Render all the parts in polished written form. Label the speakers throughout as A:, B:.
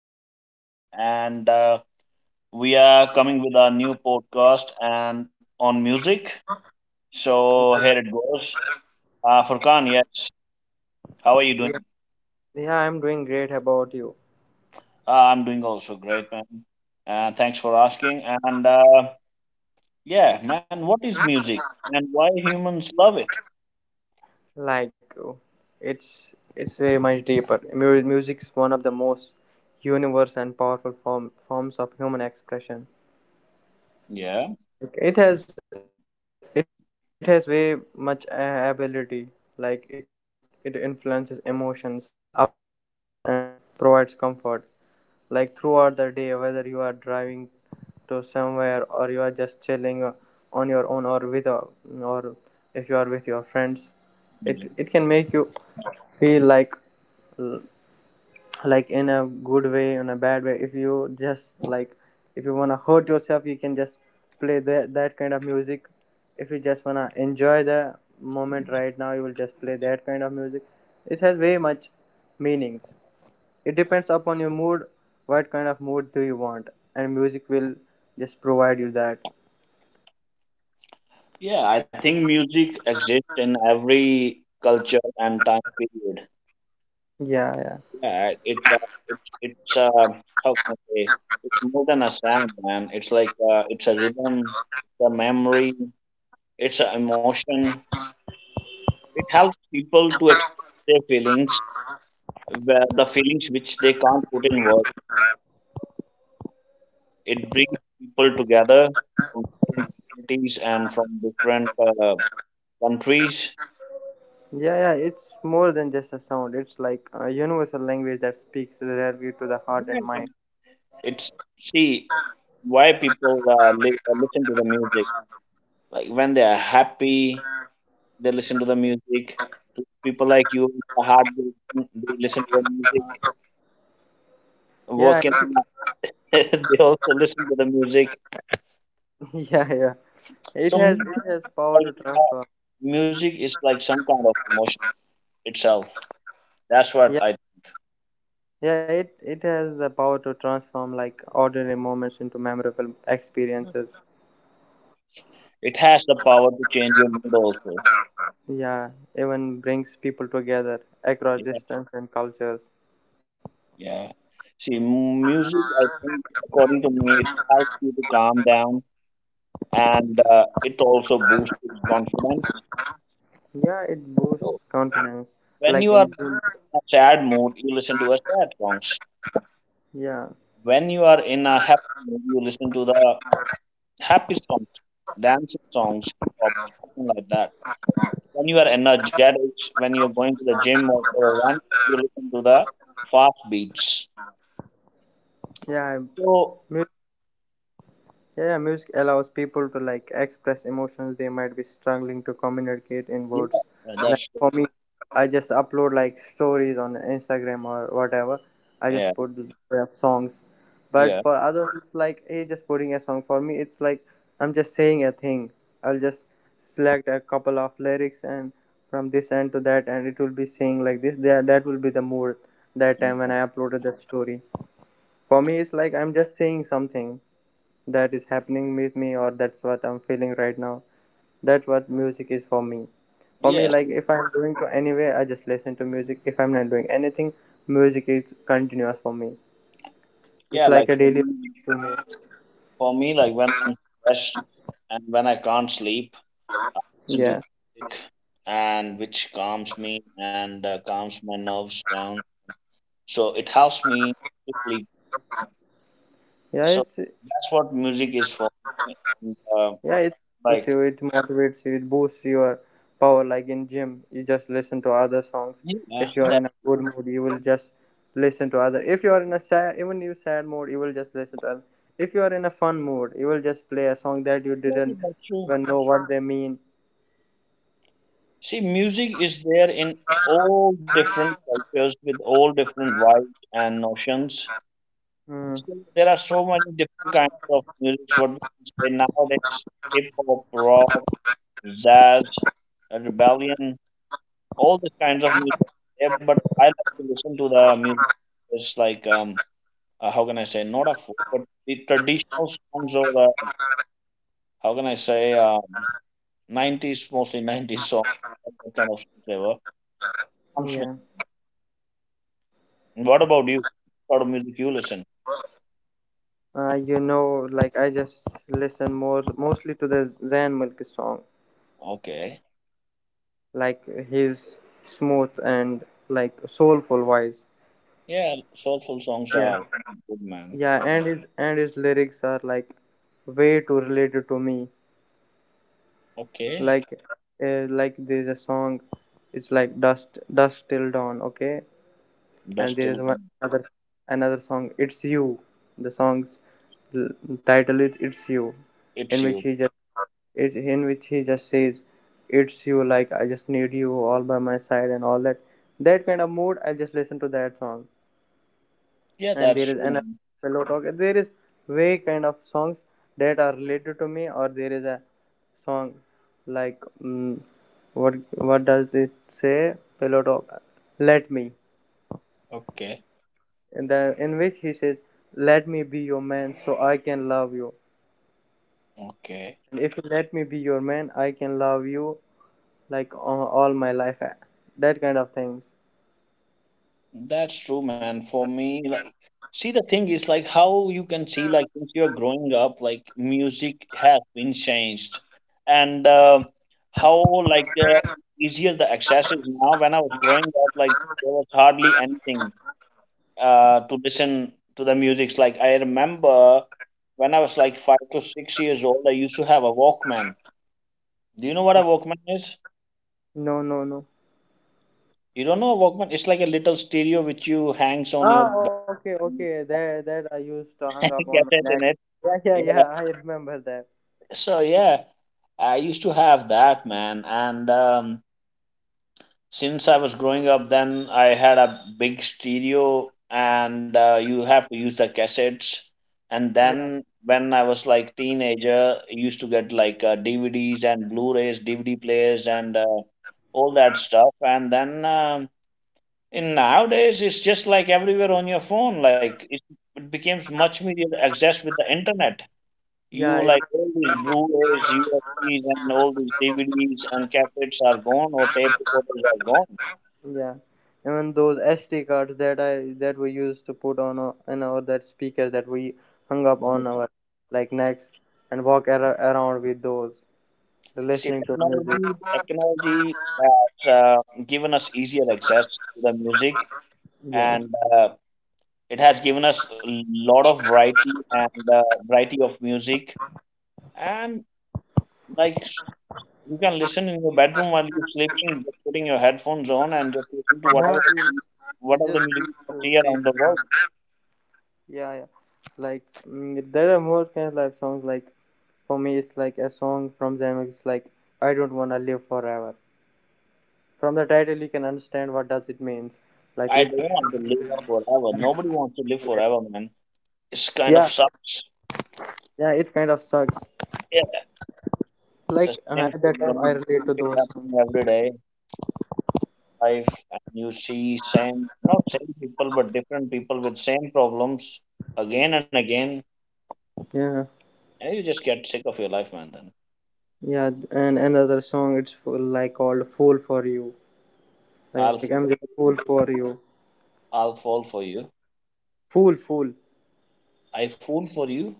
A: Furkan, and we are coming with our new podcast and on music. So here it goes. Furkan, yes, how are you
B: yeah,
A: doing?
B: yeah, I'm doing great. How about you?
A: I'm doing also great, man. Thanks for asking. And yeah, man, what is music, and why humans love it?
B: Like, uh, it's it's way much deeper. Music's one of the most universal and powerful forms of human expression.
A: Yeah,
B: Like, it has way much ability. Like it influences emotions, uplifts moods, and provides comfort. Like throughout the day, whether you are driving to somewhere, or you are just chilling on your own, or with a, or if you are with your friends, it
A: yeah,
B: it can make you feel like in a good way, in a bad way. If you just like if you want to hurt yourself, you can just play that kind of music. If you just want to enjoy the moment right now, you will just play that kind of music. It has way much meanings. It depends upon your mood, what kind of mood do you want, and music will just provide you that.
A: yeah, I think music exists in every culture and time period.
B: Yeah, yeah.
A: Yeah, it it's how can I say? It's more than a sound, man. It's like it's a rhythm, the memory, it's an emotion. It helps people to express their feelings, where the feelings which they can't put in words. It brings people together from different communities and from different countries.
B: Yeah, yeah, it's more than just a sound. It's like a universal language that speaks directly to the heart and
A: Yeah,
B: mind.
A: It's see why people listen to the music. Like when they are happy, they listen to the music. People like you, the hard, they listen to the music.
B: Yeah, it-
A: Working, they also listen to the music.
B: yeah, yeah. It
A: So
B: has
A: music,
B: it has power to
A: like,
B: transform.
A: music is like some kind of emotion itself. That's
B: Yeah,
A: what I.
B: yeah, it has the power to transform like ordinary moments into memorable experiences.
A: It has the power to change your mood also.
B: Yeah, even brings people together across
A: Yeah,
B: distance and cultures.
A: yeah. See, music, I think, according to me, it helps you to calm down, and it also boosts your confidence.
B: Yeah, it
A: So
B: boosts confidence.
A: when you
B: Like
A: are
B: in
A: in
B: gym.
A: a sad mood, you listen to a sad songs.
B: Yeah,
A: When you are in a happy mood, you listen to the happy songs, dancing songs, or something like that. When you are energetic, when you're going to the gym or for a run, you listen to the fast beats.
B: yeah.
A: So
B: I- Yeah, music allows people to like express emotions they might be struggling to communicate in
A: yeah,
B: words. Like
A: that's
B: for
A: true.
B: me, I just upload like stories on Instagram or whatever. I
A: Yeah,
B: just put songs. But
A: yeah,
B: for others, it's like hey, just putting a song. For me, it's like I'm just saying a thing. I'll just select a couple of lyrics and from this end to that, and it will be saying like this. That will be the mood that time when
A: yeah.
B: I uploaded that story. For me, it's like I'm just saying something that is happening with me, or that's what I'm feeling right now. That's what music is for me. For me,
A: Yes,
B: like if I'm doing to anyway, I just listen to music. If I'm not doing anything, music is continuous for me. It's
A: yeah.
B: like
A: Like
B: a
A: for
B: daily
A: me,
B: routine to
A: for me, like when I'm stressed and when I can't sleep,
B: me.
A: listen to the
B: Yeah,
A: music and which calms me and calms my nerves down. So it helps me to sleep.
B: yeah.
A: So
B: It's
A: that's what music is for. And,
B: yeah, it helps
A: like,
B: you, it motivates you, it boosts your power. Like in gym, you just listen to other songs.
A: yeah,
B: If you
A: that's
B: are in a good mood, you will just listen to other. If you are in a sad, even you sad mood, you will just listen to other. If you are in a fun mood, you will just play a song that you
A: very
B: didn't
A: much true.
B: even know what they mean.
A: See, music is there in all different cultures with all different vibes and notions.
B: Mm,
A: So there are so many different kinds of music. What we can say nowadays, hip hop, rock, jazz, rebellion, all these kinds of music. Yeah, but I like to listen to the music. It's like how can I say, not a folk, but the traditional songs, or how can I say, 90s, mostly 90s songs, what kind of songs they were. Comes to me.
B: yeah.
A: What about you? What sort of music you listen?
B: You know, like I just listen more mostly to the Zan Milk song,
A: Okay.
B: like his smooth and like soulful voice.
A: Yeah, soulful songs
B: Yeah.
A: are good, man.
B: Yeah, and his lyrics are like way too related to me.
A: Okay.
B: Like, like there's a song, it's like dust dust till dawn. Okay,
A: That's
B: and there
A: still
B: is one another song. It's you. The song's l- title is It's You, in
A: hits
B: which
A: you.
B: he just it in which he just says, "It's you." Like I just need you all by my side and all that. That kind of mood. I just listen to that song.
A: Yeah, that's
B: And there is
A: true.
B: another pillow talk. There is way kind of songs that are related to me. Or there is a song like mm what what does it say? Pillow talk. Let me
A: Okay.
B: in which he says, let me be your man so I can love you.
A: Okay.
B: And if you let me be your man, I can love you like all my life, that kind of things.
A: That's true, man. For me, like, see, the thing is, like, how you can see, like, since you're growing up, like, music has been changed, and how, like, easier the access is now. When I was growing up, like, there was hardly anything to listen to the music. Like, I remember when I was like 5 to 6 years old, I used to have a Walkman. Do you know what a Walkman is?
B: No, no, no.
A: You don't know a Walkman? It's like a little stereo which you hangs on your
B: Ah,
A: back.
B: okay, okay, that I used to hang up on my
A: Cassette
B: neck.
A: in.
B: Yeah, yeah, yeah,
A: Yeah.
B: I remember that.
A: So yeah, I used to have that man, and since I was growing up, then I had a big stereo, and you have to use the cassettes. And
B: Yeah.
A: then when I was like teenager, I used to get like DVDs and Blu-rays, DVD players, and all that stuff. And then in nowadays, it's just like everywhere on your phone. Like it becomes much easier to access with the internet.
B: Yeah,
A: You
B: it,
A: like all these Blu-rays, USBs, and all these DVDs and cassettes are gone, or tape recorders are gone.
B: yeah. Even those SD cards that I that we used to put on in our that speakers that we hung up on
A: Anything.
B: our like necks and walk around with those,
A: See,
B: listening to music.
A: technology has given us easier access to the music,
B: Yeah.
A: and it has given us a lot of variety, and variety of music. And like s- you can listen in your bedroom while you're sleeping, just putting your headphones on and just listen to
B: Yeah,
A: whatever the,
B: it's just
A: music you can
B: beautiful.
A: see around the world.
B: Yeah, yeah. Like mm, there are more kind of like songs. Like for me, it's like a song from them. It's like I don't wanna live forever. From the title, you can understand what does it means.
A: I
B: Like
A: don't
B: if
A: want to live forever. Nobody wants to live forever, man. It's kind of
B: yeah,
A: sucks.
B: yeah, it kind of sucks.
A: Yeah. The
B: Like
A: same
B: at
A: shit
B: that time,
A: going,
B: I
A: same
B: relate
A: shit
B: to those
A: happening
B: songs.
A: every day. Life, and you see same, not same people, but different people with same problems again and again,
B: Yeah,
A: and you just get sick of your life, man. Then
B: yeah, and another song it's full, like called "Fool for You." Like
A: I'll,
B: I'm just
A: fall
B: fool for you,
A: I'll fall for you.
B: fool.
A: I fool for you.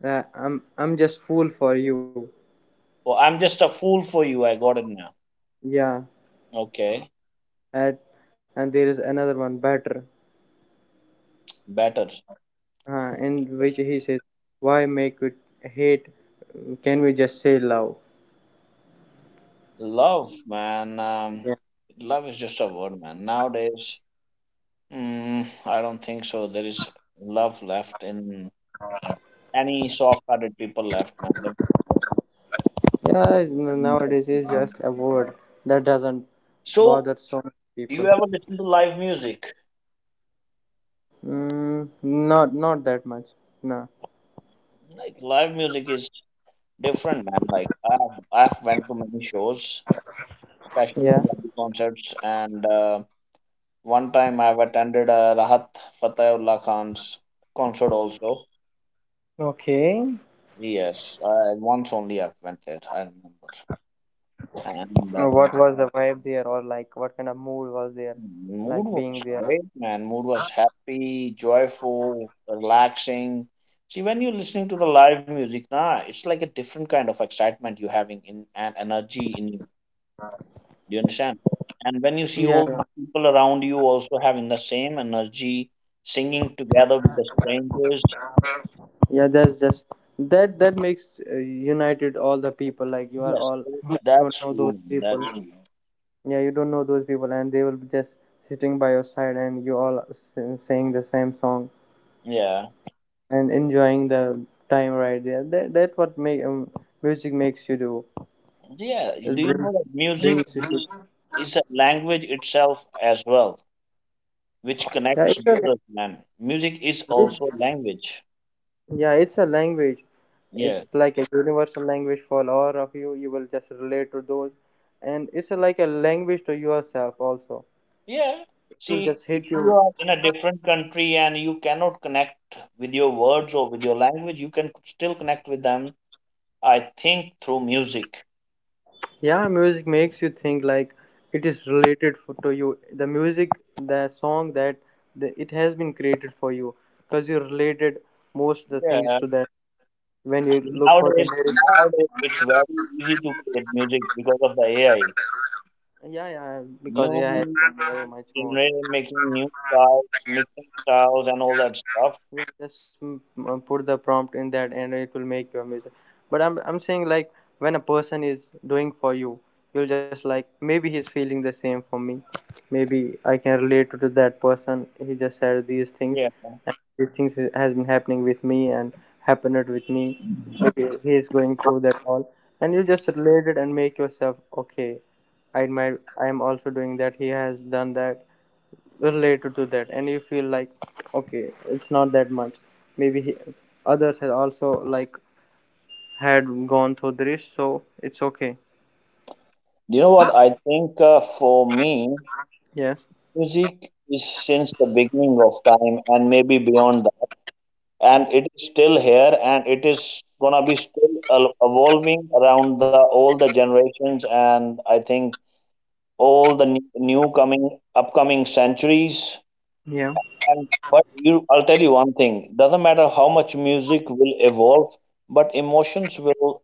B: Yeah, I'm just fool for you.
A: Oh, I'm just a fool for you. I got it now.
B: Yeah,
A: Okay,
B: and there is another one better,
A: better.
B: in which he says, "Why make it hate? Can we just say love?"
A: Love, man. Love is just a word, man. Nowadays, I don't think so. There is love left in any soft-hearted people left, man.
B: Yeah, nowadays it's just a word that doesn't
A: So,
B: bother so many
A: do you
B: people.
A: ever listen to live music?
B: Mm, not that much. Nah.
A: Like live music is different, man. Like I've went to many shows, especially
B: Yeah.
A: Punjabi concerts, and one time I've attended Rahat Fatehullah Khan's concert also.
B: Okay.
A: Yes, I once only I've went there. I remember, and.
B: What was the vibe there, or like what kind of mood was there,
A: Mood
B: like
A: was
B: being there?
A: great, man. Mood was happy, joyful, relaxing. See, when you're listening to the live music, nah, it's like a different kind of excitement you're having in and energy in you. Do you understand? And when you see
B: Yeah.
A: all the
B: Yeah,
A: people around you also having the same energy, singing together with the strangers,
B: yeah. That's just that makes united all the people. Like you are
A: yes,
B: all you
A: that's
B: don't know
A: true,
B: those
A: man. That's
B: people.
A: true.
B: Yeah, you don't know those people, and they will be just sitting by your side, and you all saying the same song
A: Yeah,
B: and enjoying the time right there. That's what make music makes you do.
A: yeah.
B: It
A: Do you
B: brings
A: know that music
B: you. To,
A: is a language itself as well, which
B: yeah,
A: connects borders, man? Music is also language.
B: yeah, it's a language.
A: Yeah.
B: It's like a universal language for all of you. You will just relate to those, and it's like a language to yourself also.
A: Yeah.
B: It will
A: See,
B: just hit
A: if you
B: you.
A: are in a different country and you cannot connect with your words or with your language, you can still connect with them, I think, through music.
B: Yeah, music makes you think like it is related to you. The music, the song that the, it has been created for you, because you related most the things
A: Yeah.
B: to that when you look for the
A: Nowadays,
B: lyrics.
A: nowadays it's very easy to create music because of the AI.
B: Yeah, yeah, because AI
A: New
B: has done very much more.
A: generation making new styles, mixing styles, and all that stuff.
B: You just mm, put the prompt in that and it will make your music. But I'm saying like when a person is doing for you, you'll just like maybe he's feeling the same for me, maybe I can relate to that person. He just said these things
A: Yeah.
B: and these things has been happening with me and happened with me, maybe he is going through that all, and you just relate it and make yourself okay. I might I am also doing that. He has done that, related to that, and you feel like okay, it's not that much. Maybe others had also like had gone through this, so it's okay.
A: You know what? I think for me,
B: Yes,
A: music is since the beginning of time and maybe beyond that. And it is still here, and it is gonna be still evolving around the all the generations, and I think all the new new coming upcoming centuries.
B: yeah,
A: And but you, I'll tell you one thing: doesn't matter how much music will evolve, but emotions will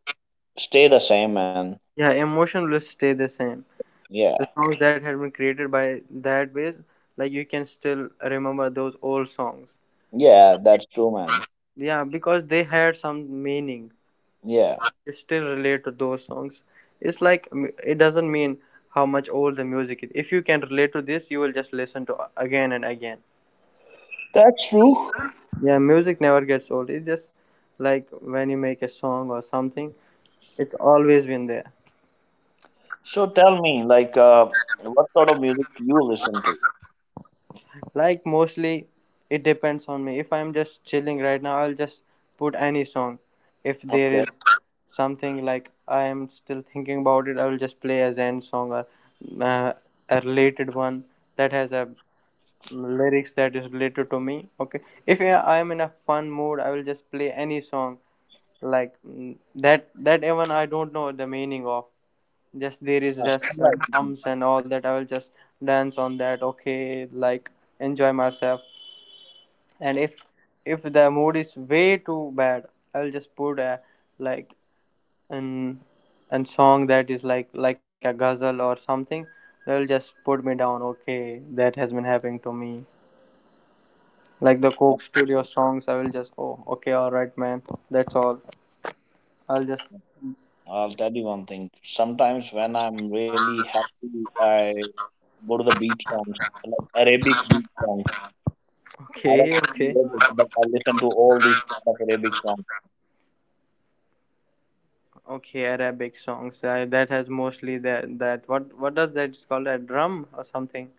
A: stay the same, man.
B: yeah, emotion will stay the same.
A: Yeah,
B: The songs that had been created by that base, like you can still remember those old songs,
A: yeah, that's true, man.
B: yeah, because they had some meaning.
A: Yeah,
B: You still relate to those songs. It's like mm, it doesn't mean how much old the music is. If you can relate to this, you will just listen to again and again.
A: that's true.
B: Yeah, music never gets old. It's just like when you make a song or something, it's always been there.
A: So tell me, like, what sort of music you listen to?
B: Like mostly it depends on me. If I'm just chilling right now, I'll just put any song. If there is
A: Okay.
B: something like I am still thinking about it, I will just play a Zen song or uh, a related one that has a lyrics that is related to me. Okay. If I am in a fun mood, I will just play any song like mm, that even I don't know the meaning of. Just there is just
A: Same like me.
B: drums and all that. I will just dance on that. Okay, like enjoy myself. And if the mood is way too bad, I'll just put a like an an song that is like a ghazal or something that'll just put me down. Okay, that has been happening to me, like the
A: Yeah,
B: coke studio
A: true.
B: songs. I will just oh okay, all right man, that's all. I'll just
A: I'll tell you one thing. Sometimes when I'm really happy, I go to the beat songs, like Arabic beat songs. I don't
B: okay okay.
A: know Arabic, but I listen to all these kind of Arabic songs.
B: Okay, Arabic songs. I that has mostly that that what does that? It's called a drum or something.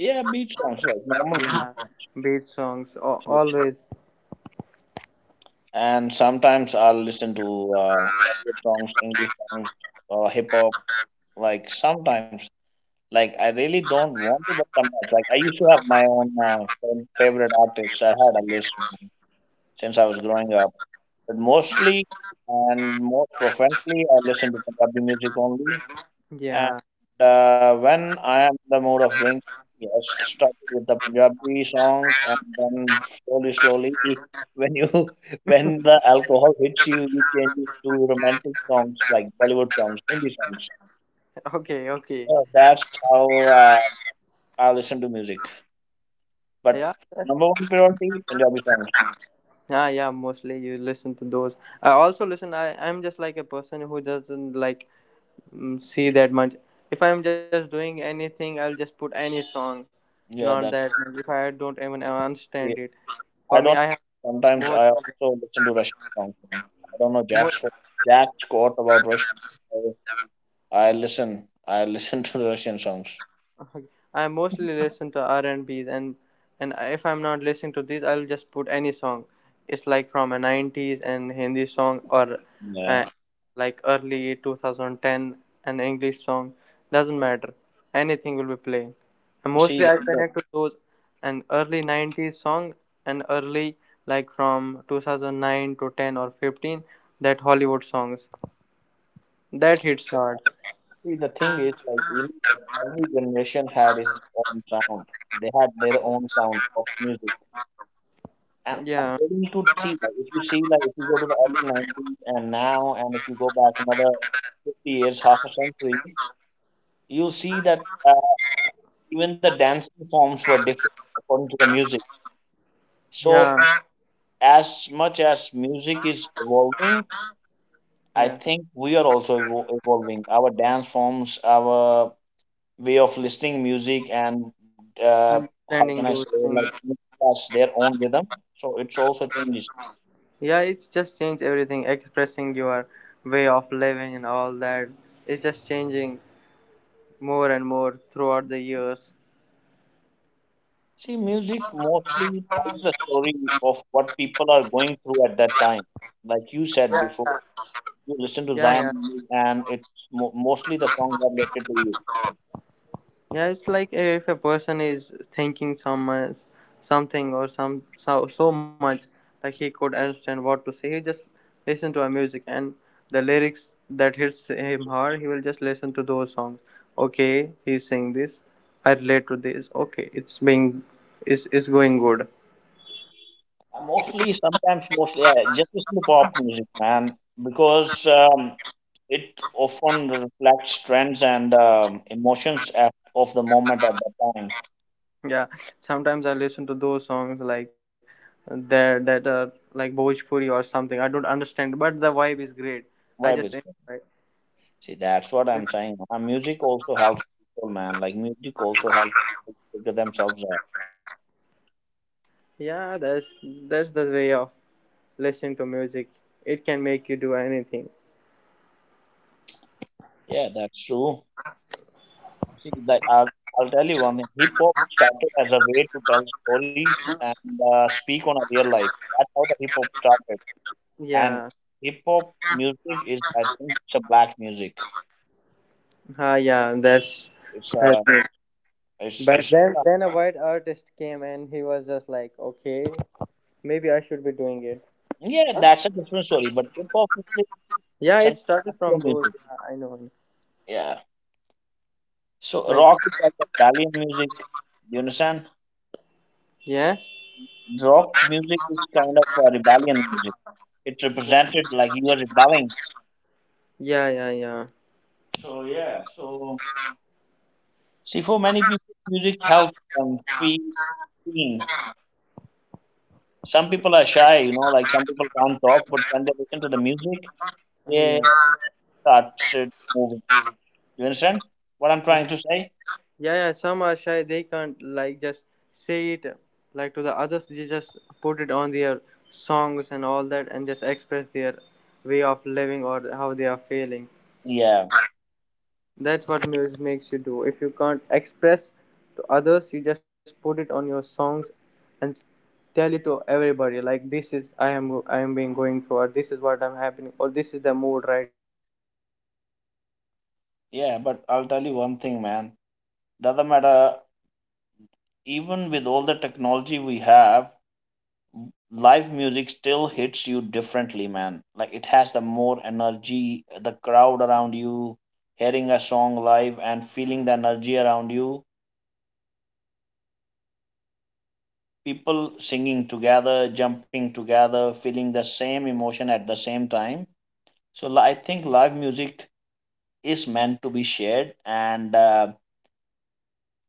A: Yeah, beat songs, like normal beat
B: Yeah, beat songs. Oh,
A: songs. Yeah.
B: always.
A: And sometimes I'll listen to Bollywood songs, English songs, hip hop. Like sometimes, like I really don't want to, but sometimes, like I used to have my own favorite artists. I had a list since I was growing up, but mostly and more profoundly, I listen to Punjabi music only. And
B: Yeah.
A: when I am in the mood of drinking, yes, started with the Punjabi songs, and then slowly, slowly, when you when the alcohol hits you, you change it to romantic songs, like Bollywood songs, Hindi songs.
B: Okay. Okay.
A: So that's how I listen to music. But
B: Yeah.
A: number one priority, Punjabi songs.
B: Yeah. Yeah. Mostly you listen to those. I also listen. I'm just like a person who doesn't like mm, see that much. If I'm just doing anything, I'll just put any song. Not
A: Yeah,
B: that
A: that's
B: if I don't even understand
A: yeah,
B: it. For
A: I
B: me, I
A: don't.
B: have
A: Sometimes
B: more
A: I also listen to Russian songs, man. I don't know
B: more.
A: Jack's quote about Russian. I listen. I listen to the Russian songs.
B: I mostly listen to R and B's and if I'm not listening to these, I'll just put any song. It's like from a '90s and Hindi song or
A: Yeah.
B: uh, like early 2010 an English song. Doesn't matter. Anything will be playing. And
A: See,
B: mostly I connect to those an early '90s song and early like from 2009 to 10 or 15 that Hollywood songs that hits hard.
A: see, the thing is, like, you know, every generation had its own sound. They had their own sound of music. And
B: Yeah,
A: according to see, like, if you see, like, if you go to the early 90s and now, and if you go back another 50 years, half a century, you see that even the dancing forms were different according to the music. So,
B: yeah,
A: as much as music is evolving, I
B: yeah.
A: think we are also evolving. Our dance forms, our way of listening music, and uh, how can I
B: Trending
A: say,
B: those
A: like
B: things.
A: each has their own rhythm. So it's also changes.
B: Yeah, it's just change everything, expressing your way of living and all that. It's just changing more and more throughout the years.
A: See, music mostly tells the story of what people are going through at that time, like you said before. You listen
B: Yeah,
A: to
B: yeah.
A: Zion music, and it's mostly the songs are related to you.
B: Yeah, it's like if a person is thinking so much, something or some so much, like he could understand what to say, he just listen to a music and the lyrics that hits him hard, he will just listen to those songs. Okay, he's saying this. I relate to this. Okay, it's being, it's going good.
A: Mostly, sometimes, mostly, yeah, just listen to pop music, man, because it often reflects trends and emotions at, of the moment at that time.
B: Yeah, sometimes I listen to those songs like that are like Bhojpuri or something. I don't understand, but the vibe is great. I
A: Why
B: just
A: was it?
B: enjoy.
A: See, that's what I'm saying. Music also helps people, man. Like music also helps people figure themselves out.
B: Yeah, that's the way of listening to music. It can make you do anything.
A: Yeah, that's true. See, that I'll tell you one thing. Hip hop started as a way to tell stories and speak on a real life. That's how the hip hop started. And
B: Yeah,
A: hip hop music is, I think, it's a black music.
B: ah, yeah, that's.
A: It's
B: That's
A: a,
B: it.
A: it's,
B: But
A: it's,
B: then a white artist came and he was just like, okay, maybe I should be doing it.
A: yeah, that's a different story. But hip hop music
B: Yeah,
A: is an
B: it started from
A: Afro
B: those.
A: music.
B: Yeah, I know.
A: Yeah. So
B: Like
A: rock is like a rebellion music. You understand?
B: yes,
A: Rock music is kind of a rebellion music. It
B: yeah,
A: represented like you are rebelling.
B: yeah, yeah, yeah,
A: So yeah. See, for many people, music helps them feel seen. Some people are shy, like some people can't talk, but when they listen to the music,
B: uh, yeah.
A: they start shit moving. You understand what I'm trying to say?
B: Yeah, yeah, some are shy. They can't like just say it like to the others. They just put it on their songs and all that, and just express their way of living or how they are feeling.
A: Yeah,
B: That's what music makes you do. If you can't express to others, you just put it on your songs and tell it to everybody. Like this is I am being going through, or this is what I'm happening, or this is the mood right now. That
A: yeah,
B: is the
A: but
B: best
A: I'll
B: way
A: tell
B: of.
A: you one thing, man.
B: That's the best way
A: Doesn't
B: for
A: matter,
B: this like the songs and
A: even
B: all
A: with
B: that.
A: all the technology
B: It
A: we
B: just makes
A: have,
B: you do what you
A: live
B: can't
A: music
B: express
A: still
B: to all
A: hits you
B: those
A: differently, man.
B: people
A: Like
B: and
A: it
B: all
A: has the
B: that is
A: more
B: like
A: energy,
B: being
A: the
B: with you.
A: crowd around
B: Just put it
A: you,
B: on songs
A: hearing a
B: and
A: song
B: just
A: live and feeling the energy around you,
B: make a great song and just enjoy yourself and
A: people
B: let
A: singing
B: others know,
A: together, jumping together, feeling the
B: and
A: same
B: maybe they
A: emotion
B: can
A: at the
B: relate to
A: same
B: those
A: time.
B: songs.
A: So I think live
B: That's
A: music
B: all.
A: is meant to be shared, and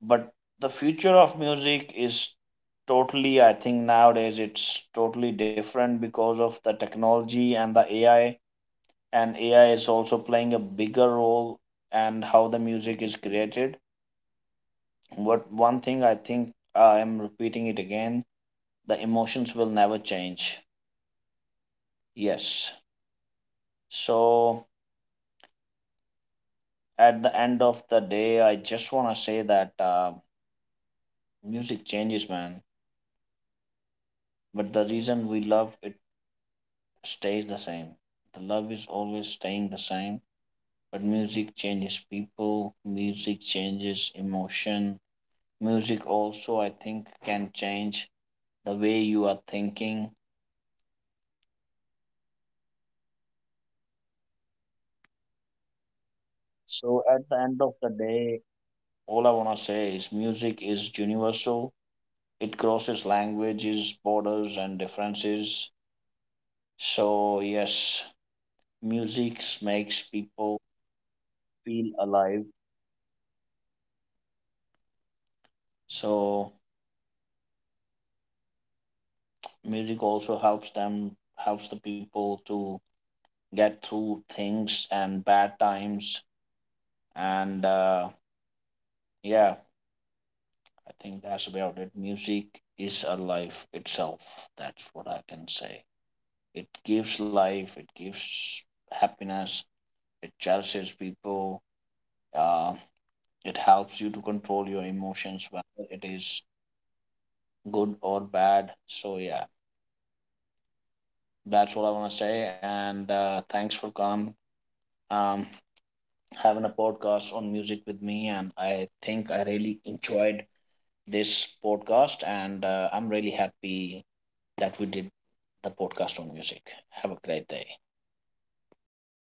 A: but
B: Like in
A: the
B: everyday
A: future
B: life
A: of
B: music
A: music
B: is
A: is
B: constant. Like
A: totally. I
B: it
A: think
B: can
A: nowadays it's
B: accompany
A: totally
B: your
A: different
B: like
A: because of the
B: morning routines
A: technology
B: and
A: and the
B: workouts
A: AI,
B: like in
A: and
B: gym and
A: AI
B: all
A: is
B: that.
A: also playing a bigger
B: Enjoyable.
A: role and
B: Provide
A: how the
B: folks
A: music is
B: while like
A: created.
B: studying, or offer comfort
A: But one
B: as
A: thing I
B: in
A: think
B: important in
A: I am
B: listening. Like
A: repeating
B: you
A: it
B: want
A: again:
B: you tell
A: the
B: someone
A: emotions will never change. Yes. So at the end of the day, I just want to say that music changes, man. But the reason we love it stays the same. The love is always staying the same. But music changes people, music changes emotion. Music also, I think, can change the way you are thinking. So at the end of the day, all I want to say is music is universal. It crosses languages, borders, and differences. So yes, music makes people feel alive. So music also helps them, helps the people to get through things and bad times. And yeah, I think that's about it. Music is a life itself. That's what I can say. It gives life. It gives happiness. It cherishes people. Uh, it helps you to control your emotions, whether it is good or bad. So yeah, that's what I want to say. And thanks for coming, um, having a podcast on music with me. And I think I really enjoyed this podcast, and I'm really happy that we did the podcast on music. Have a great day.